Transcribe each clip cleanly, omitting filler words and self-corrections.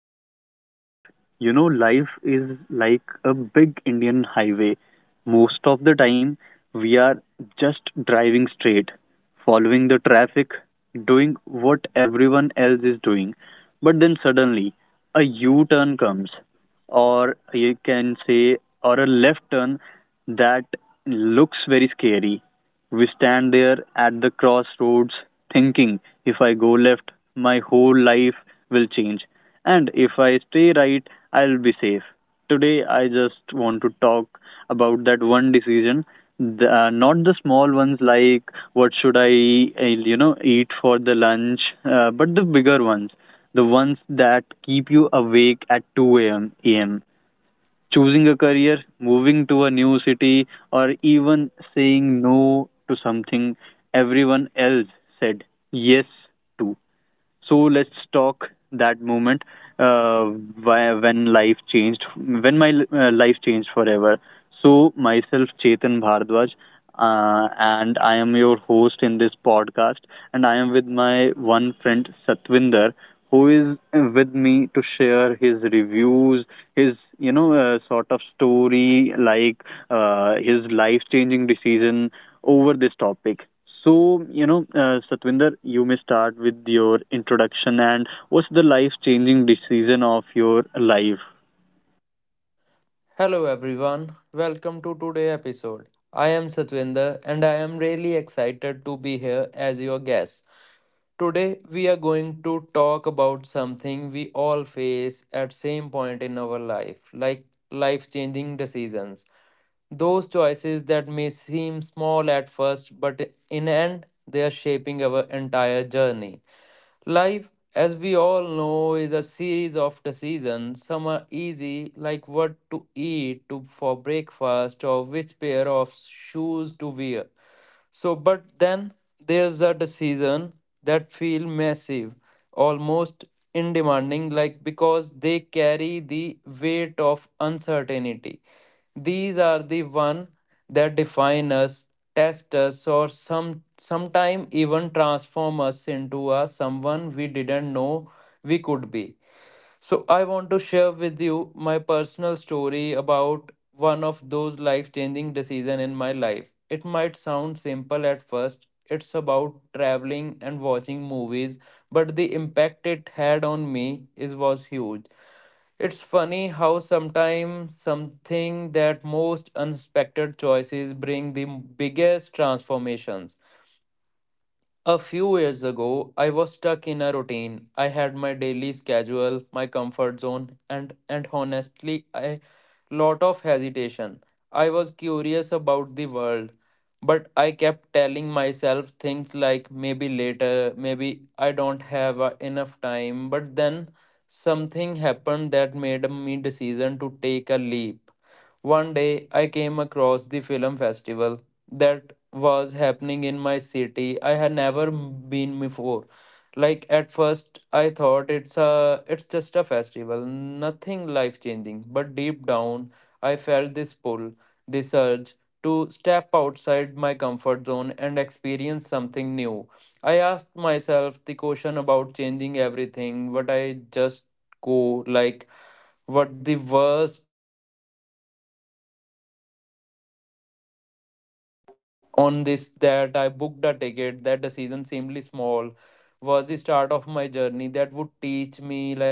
to our podcast. Life is like a big Indian highway. Most of the time, we are just driving straight, following the traffic, doing what everyone else is doing. But then suddenly, a U turn comes, or you can say, or a left turn that looks very scary. We stand there at the crossroads thinking if I go left, my whole life will change, and if I stay right, I'll be safe. Today, I just want to talk about that one decision, not the small ones like what should I, eat for the lunch, but the bigger ones, the ones that keep you awake at 2 a.m, choosing a career, moving to a new city, or even saying no to something everyone else said yes to. So let's talk that moment, uh, when life changed, when my life changed forever. So myself, Chetan Bhardwaj, and I am your host in this podcast, and I am with my one friend Satwinder, who is with me to share his reviews, his sort of story, like his life-changing decision over this topic. So, Satwinder, you may start with your introduction and what's the life changing decision of your life? Hello everyone, welcome to today's episode. I am Satwinder and I am really excited to be here as your guest. Today we are going to talk about something we all face at same point in our life, like life-changing decisions. Those choices that may seem small at first but in end they are shaping our entire journey. Life, as we all know, is a series of decisions. Some are easy, like what to eat to, for breakfast or which pair of shoes to wear. So, but then there's a decision that feel massive, almost in demanding, like because they carry the weight of uncertainty. These are the one that define us, test us, or sometime even transform us into a someone we didn't know we could be. So, I want to share with you my personal story about one of those life changing decisions in my life. It might sound simple at first, it's about traveling and watching movies, but the impact it had on me is was huge. It's funny how sometimes something that most unexpected choices bring the biggest transformations. A few years ago, I was stuck in a routine. I had my daily schedule, my comfort zone, and honestly, a lot of hesitation. I was curious about the world, but I kept telling myself things like maybe later, maybe I don't have enough time. But then something happened that made me decision to take a leap. One day I came across the film festival that was happening in my city. I had never been before. Like at first I thought it's just a festival, nothing life changing, but deep down I felt this pull, this urge to step outside my comfort zone and experience something new. I asked myself the question about changing everything, what I just go like what the worst on this that I booked a ticket, that decision seemingly small was the start of my journey that would teach me like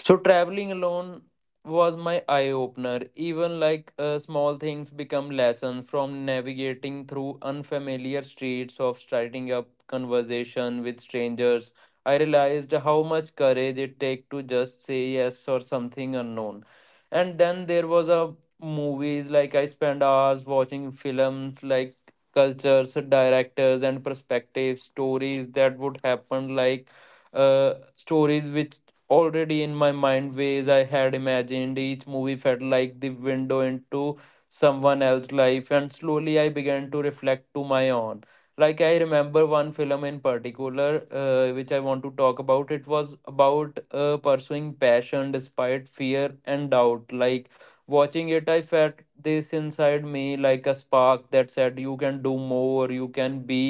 So traveling alone was my eye opener. Even small things become lessons from navigating through unfamiliar streets of starting up conversation with strangers. I realized how much courage it takes to just say yes or something unknown. And then there was a movies like I spent hours watching films like cultures, directors and perspective stories that would happen like stories which already in my mind ways I had imagined. Each movie felt like the window into someone else's life, and slowly I began to reflect to my own. Like I remember one film in particular, which I want to talk about. It was about pursuing passion despite fear and doubt. Like watching it, I felt this inside me, like a spark that said, "You can do more. You can be."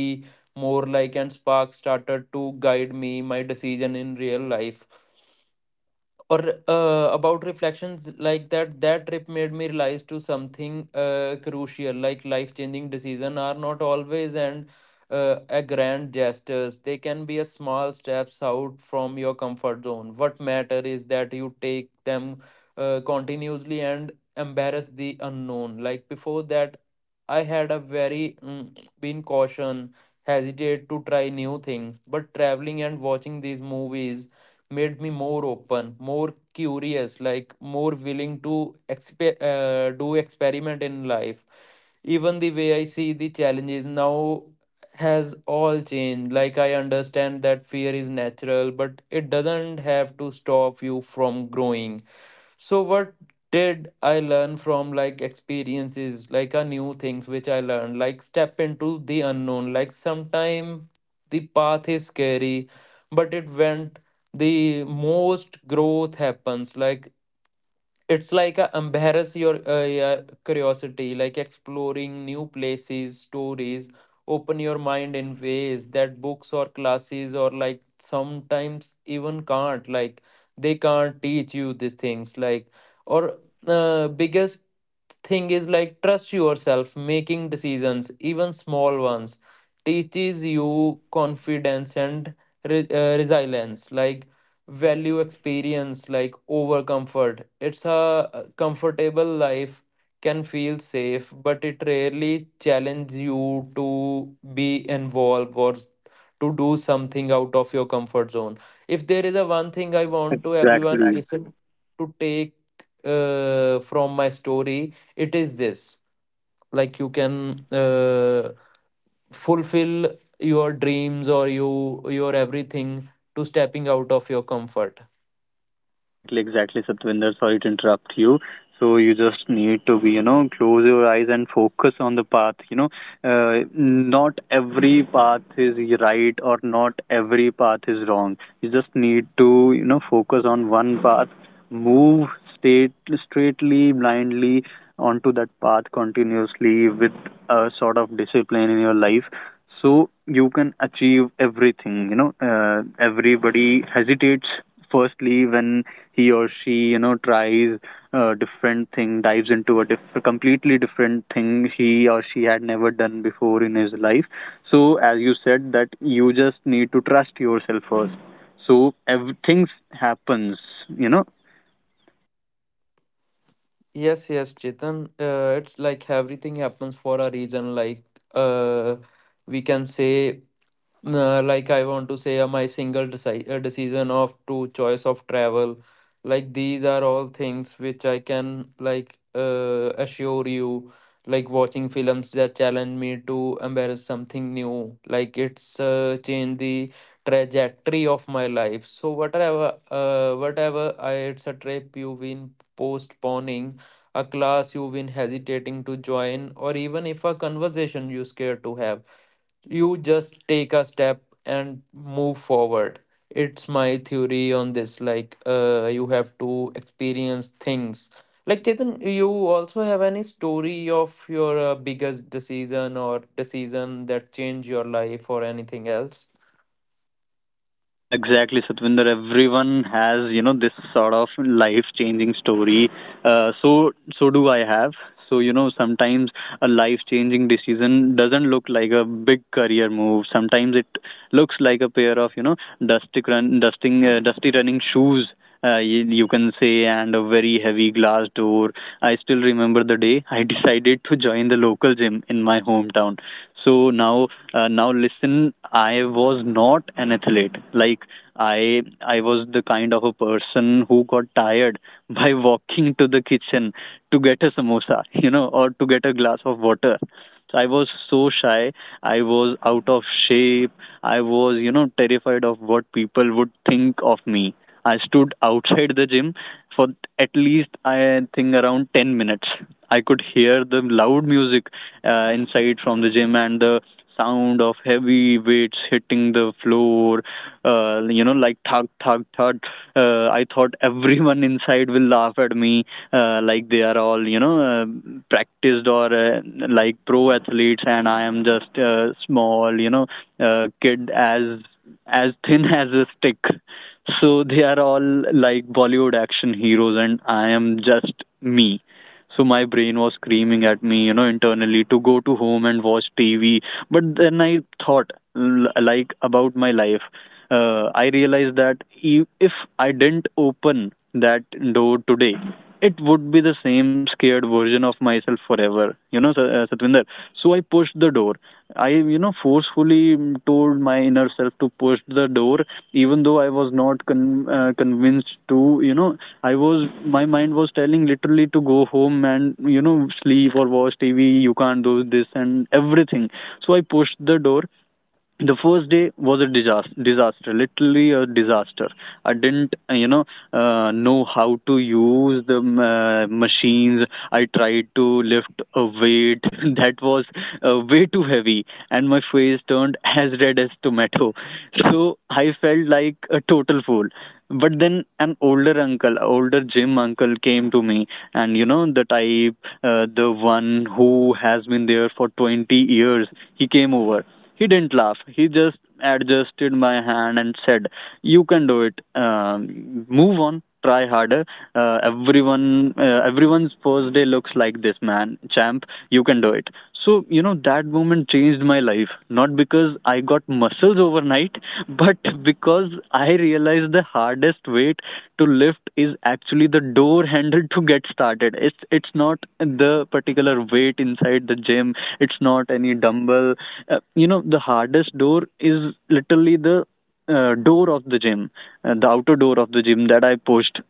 More like and spark started to guide me my decision in real life or about reflections like that that trip made me realize to something crucial like life changing decision are not always and a grand gestures, they can be a small steps out from your comfort zone. What matter is that you take them continuously and embrace the unknown like before that I had a very been caution, hesitate to try new things, but traveling and watching these movies made me more open, more curious, like more willing to do experiment in life. Even the way I see the challenges now has all changed. Like I understand that fear is natural, but it doesn't have to stop you from growing. So what did I learn from like experiences, like a new things which I learned, like step into the unknown. Like sometime the path is scary, but it went the most growth happens. Like it's like a embarrass your curiosity like exploring new places stories open your mind in ways that books or classes or like sometimes even can't like they can't teach you these things like or biggest thing is like trust yourself. Making decisions, even small ones, teaches you confidence and resilience. Like value experience like over comfort. It's a comfortable life can feel safe, but it rarely challenge you to be involved or to do something out of your comfort zone. If there is a one thing I want to everyone Exactly. listen to take from my story, it is this. Like you can fulfill your dreams or you your everything to stepping out of your comfort. Exactly, exactly, Satwinder. Sorry to interrupt you. So you just need to be, close your eyes and focus on the path. Not every path is right or not every path is wrong. You just need to, focus on one path, move state, straightly, blindly onto that path continuously with a sort of discipline in your life. So you can achieve everything. Everybody hesitates firstly when he or she tries a different thing, dives into a completely different thing he or she had never done before in his life. So as you said, that you just need to trust yourself first, so everything happens. you know Yes, yes, Chetan. It's like everything happens for a reason. Like, uh, we can say nah, like I want to say, my single decision of two choice of travel, like these are all things which I can like assure you, like watching films that challenge me to embrace something new, like it's changed the trajectory of my life. So whatever, whatever I, it's a trip you've been postponing, a class you've been hesitating to join, or even if a conversation you're scared to have, you just take a step and move forward. It's my theory on this like you have to experience things. Like Chetan, you also have any story of your biggest decision or decision that changed your life or anything else? Exactly, Satvinder. Everyone has, this sort of life-changing story. Uh, so, so do I have. So, sometimes a life-changing decision doesn't look like a big career move. Sometimes it looks like a pair of, dusty running shoes. You can say, and a very heavy glass door. I still remember the day I decided to join the local gym in my hometown. So now, listen, I was not an athlete. Like I was the kind of a person who got tired by walking to the kitchen to get a samosa, or to get a glass of water. So I was so shy. I was out of shape. I was, terrified of what people would think of me. I stood outside the gym for at least I think around 10 minutes. I could hear the loud music inside from the gym and the sound of heavy weights hitting the floor. Thud, thud, thud. I thought everyone inside will laugh at me. They are all, practiced or like pro athletes, and I am just a small, kid, as thin as a stick. So they are all like Bollywood action heroes, and I am just me. So my brain was screaming at me, internally, to go to home and watch TV. But then I thought, like, about my life. I realized that if I didn't open that door today, it would be the same scared version of myself forever. Satvinder, so I pushed the door. I Forcefully, told my inner self to push the door even though I was not convinced to. you know I was My mind was telling literally to go home and sleep or watch TV, you can't do this and everything. So I pushed the door. The first day was a disaster, disaster, literally a disaster. I didn't, know how to use the machines. I tried to lift a weight that was way too heavy, and my face turned as red as tomato. So I felt like a total fool. But then an older uncle, older gym uncle came to me, and you know the type, the one who has been there for 20 years. He came over. He didn't laugh. He just adjusted my hand and said, "You can do it. Move on. Try harder. Uh, everyone, Everyone's first day looks like this, man. Champ, you can do it." So that moment changed my life. Not because I got muscles overnight, but because I realized the hardest weight to lift is actually the door handle to get started. It's not the particular weight inside the gym. It's not any dumbbell. The hardest door is literally the, door of the gym, the outer door of the gym that I pushed.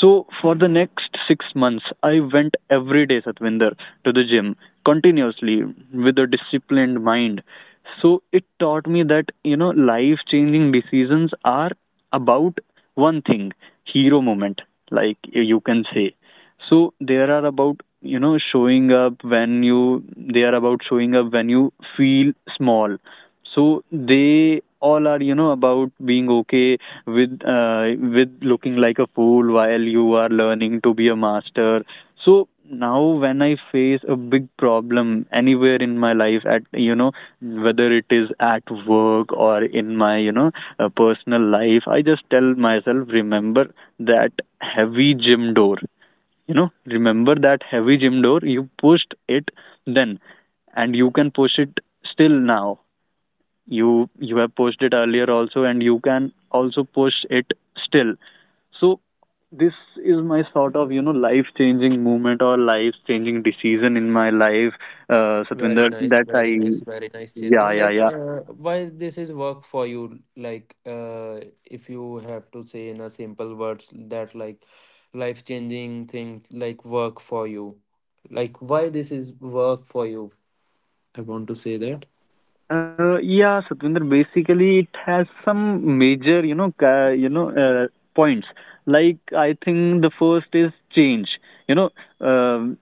So for the next 6 months, I went every day, Satvinder, to the gym continuously with a disciplined mind. So it taught me that, life changing decisions are about one thing, hero moment, like you can say. So there are about you know showing up when you They are about showing up when you feel small. So they all are, about being okay with, looking like a fool while you are learning to be a master. So now when I face a big problem anywhere in my life, at, whether it is at work or in my, personal life, I just tell myself, remember that heavy gym door. Remember that heavy gym door, you pushed it then, and you can push it still now. You have pushed it earlier also, and you can also push it still. So this is my sort of, life changing moment or life changing decision in my life, Very Satvinder, nice, that very I. nice, very nice, Yeah, Chetan. yeah, Like, yeah. Why this is work for you? Like, if you have to say in a simple words that like life-changing thing, like work for you. Like, why this is work for you? I want to say that. Yeah, Satvinder, basically it has some major, points. Like I think the first is change, you know um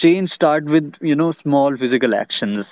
change start with, small physical actions.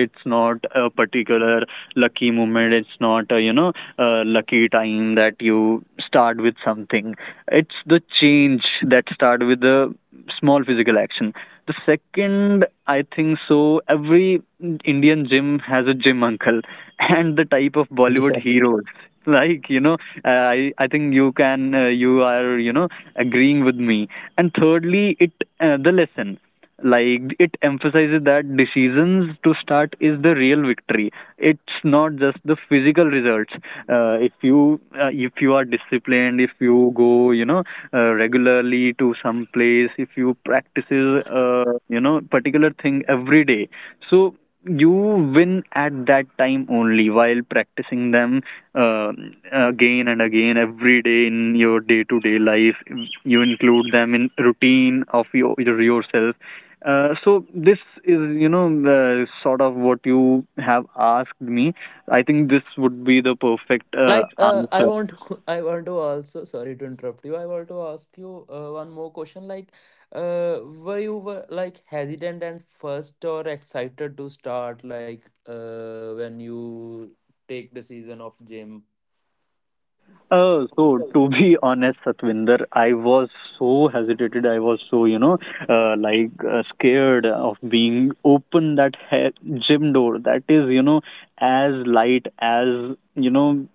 It's not a particular lucky moment, it's not a, a lucky time that you start with something. It's the change that start with the small physical action. The second, I think so every Indian gym has a gym uncle and the type of Bollywood heroes. Like, I think you can, you are, agreeing with me. And thirdly it, the lesson, like it emphasizes that decisions to start is the real victory. It's not just the physical results. If you are disciplined, if you go, regularly to some place, if you practices, particular thing every day, so you win at that time only while practicing them, uh, again and again every day in your day to day life. You include them in routine of your yourself. So this is, the sort of what you have asked me. I think this would be the perfect, answer. I want to also sorry to interrupt you, I want to ask you one more question like uh, were you were like hesitant and first or excited to start like when you take the season of gym. So to be honest, Satvinder, I was so hesitated. I was so, scared of being open that gym door. That is, as light as, you know,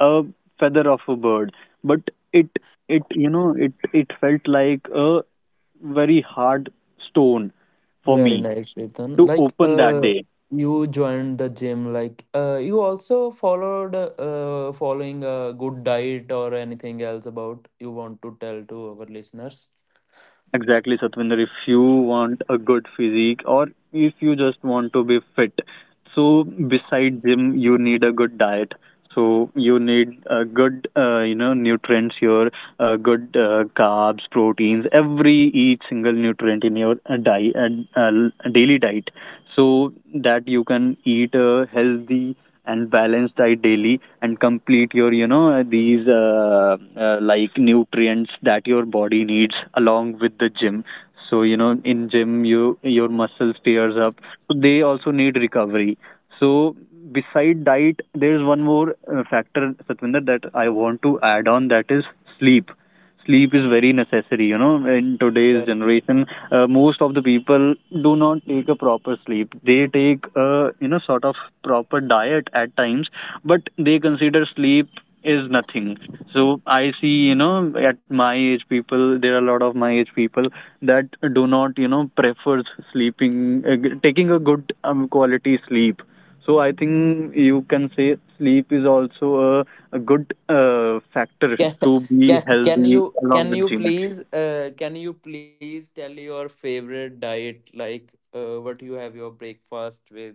a feather of a bird. But it it, it felt like a very hard stone for Very me nice Ethan. to open that day. You joined the gym like you also followed following a good diet or anything else about you want to tell to our listeners? Exactly, Satvinder. If you want a good physique, or if you just want to be fit, so beside gym, you need a good diet. So you need a good, nutrients, your, good, carbs, proteins, every each single nutrient in your, daily diet, so that you can eat a healthy and balance diet daily and complete your, these, nutrients that your body needs along with the gym. So in gym your muscles tears up, so they also need recovery. So beside diet there is one more, factor, Satvinder, that I want to add on, that is sleep. Sleep is very necessary, in today's Very generation. Most of the people do not take a proper sleep, they take, sort of proper diet at times, but they consider sleep is nothing. So I see, at my age people, there are a lot of my age people that do not, prefer sleeping, taking a good, quality sleep. So I think you can say sleep is also a good, factor can, to be healthy along with gym. Can you please tell your favorite diet like what you have your breakfast with?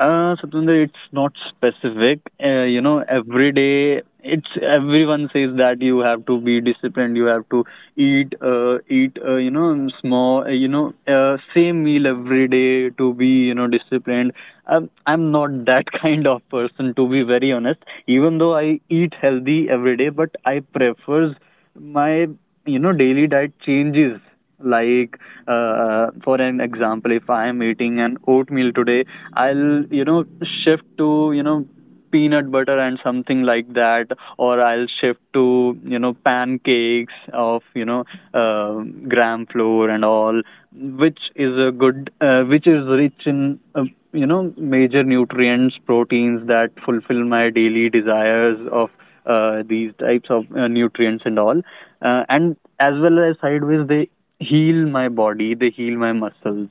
Satwinder, it's not specific. Every day, it's everyone says that you have to be disciplined. You have to eat, small, same meal every day to be, disciplined. I'm not that kind of person, to be very honest. Even though I eat healthy every day, but I prefers my, daily diet changes. Like, for an example, if I am eating an oatmeal today, I'll, shift to, peanut butter and something like that, or I'll shift to, pancakes of, uh, gram flour and all, which is a good, which is rich in, major nutrients, proteins that fulfill my daily desires of, these types of, nutrients and all. And as well as sideways they heal my body, they heal my muscles,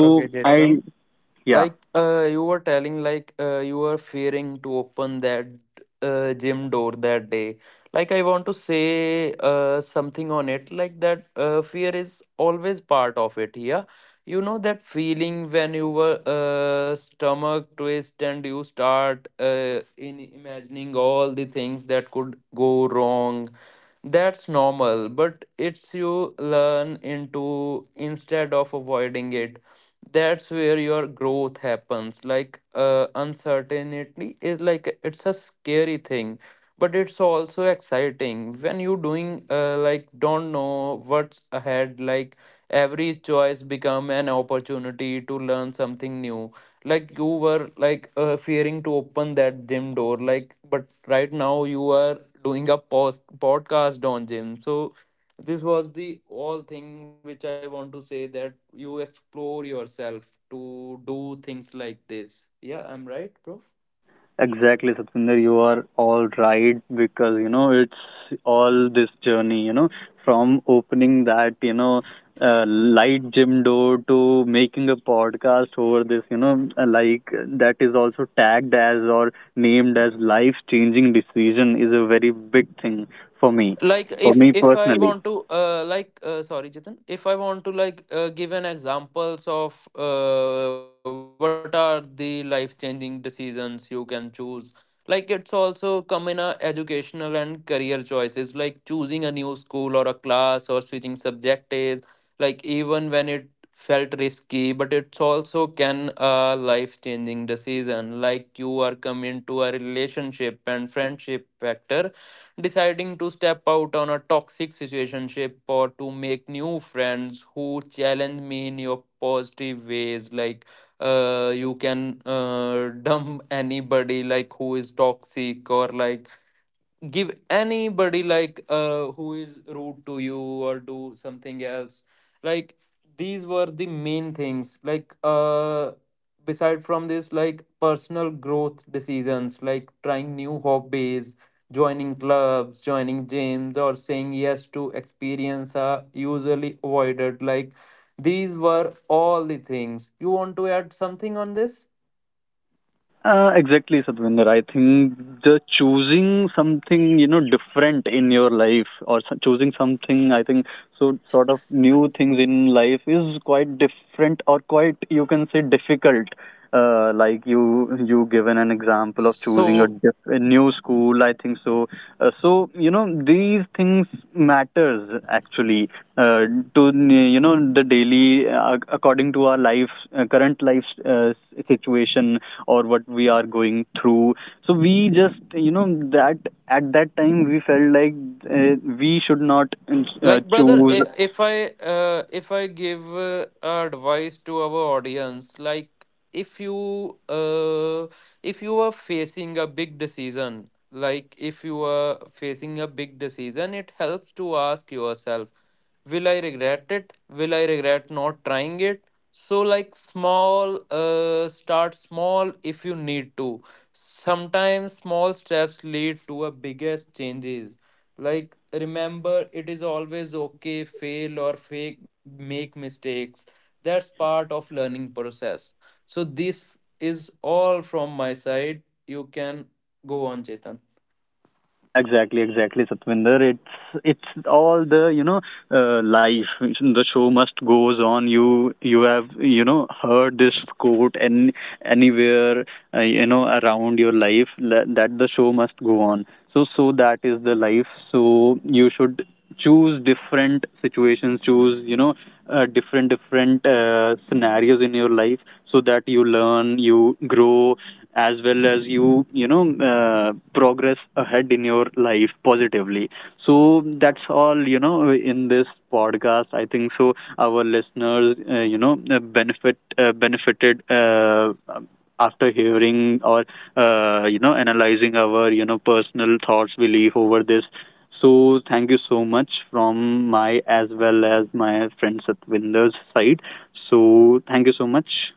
Okay, I. Chetan. Yeah. You were telling, like you were fearing to open that gym door that day. Like I want to say something on it, like that fear is always part of it. Yeah, you know that feeling when you were stomach twist and you start in imagining all the things that could go wrong? That's normal, but it's you learn into instead of avoiding it. That's where your growth happens. Like uncertainty is like it's a scary thing, but it's also exciting when you doing like don't know what's ahead. Like every choice become an opportunity to learn something new, like you were like fearing to open that gym door like, but right now you are doing a podcast on gym. So this was the all thing which I want to say, that you explore yourself to do things like this. Yeah, I'm right bro? Exactly, Satvinder, you are all right, because it's all this journey, from opening that, light gym door to making a podcast over this, like, that is also tagged as or named as life changing decision, is a very big thing for me, Like for if me if I personally. want to sorry Chetan, if I want to like give an examples of what are the life changing decisions you can choose, like it's also come in a educational and career choices like choosing a new school or a class or switching subject is like even when it felt risky, but it's also can a life changing decision. Like you are come into a relationship and friendship factor, deciding to step out on a toxic situationship or to make new friends who challenge me in your positive ways. Like you can dump anybody like who is toxic or like give anybody like who is rude to you or do something else. Like these were the main things like uh, beside from this like personal growth decisions like trying new hobbies, joining clubs, joining gyms or saying yes to experience are usually avoided. Like these were all the things. You want to add something on this? Exactly, Satvinder. I think the choosing something, different in your life, or choosing something, I think so, sort of new things in life is quite different, or quite you can say difficult. Like you given an example of choosing So a new school, I think so. So these things matters actually, uh, to, the daily, according to our life current life, situation, or what we are going through. So we just, that at that time we felt like, uh, we should not, like brother, choose. If I if I give advice to our audience, like if you uh, if you are facing a big decision, like if you are facing a big decision, it helps to ask yourself, will I regret it? Will I regret not trying it? So like small start small if you need to. Sometimes small steps lead to a biggest changes. Like remember, it is always okay fail or fake, make mistakes, that's part of learning process. So this is all from my side. You can go on Chetan. Exactly, exactly, Satvinder, it's, all the, life, the show must goes on, you, have, heard this quote and anywhere, around your life, that the show must go on. So that is the life. So you should choose different situations, choose, different, scenarios in your life, so that you learn, you grow, as well as you, know progress ahead in your life positively. So that's all, in this podcast, I think so our listeners, benefited, after hearing or, analyzing our, personal thoughts belief over this. So thank you so much from my as well as my friend Satvinder's side. So thank you so much.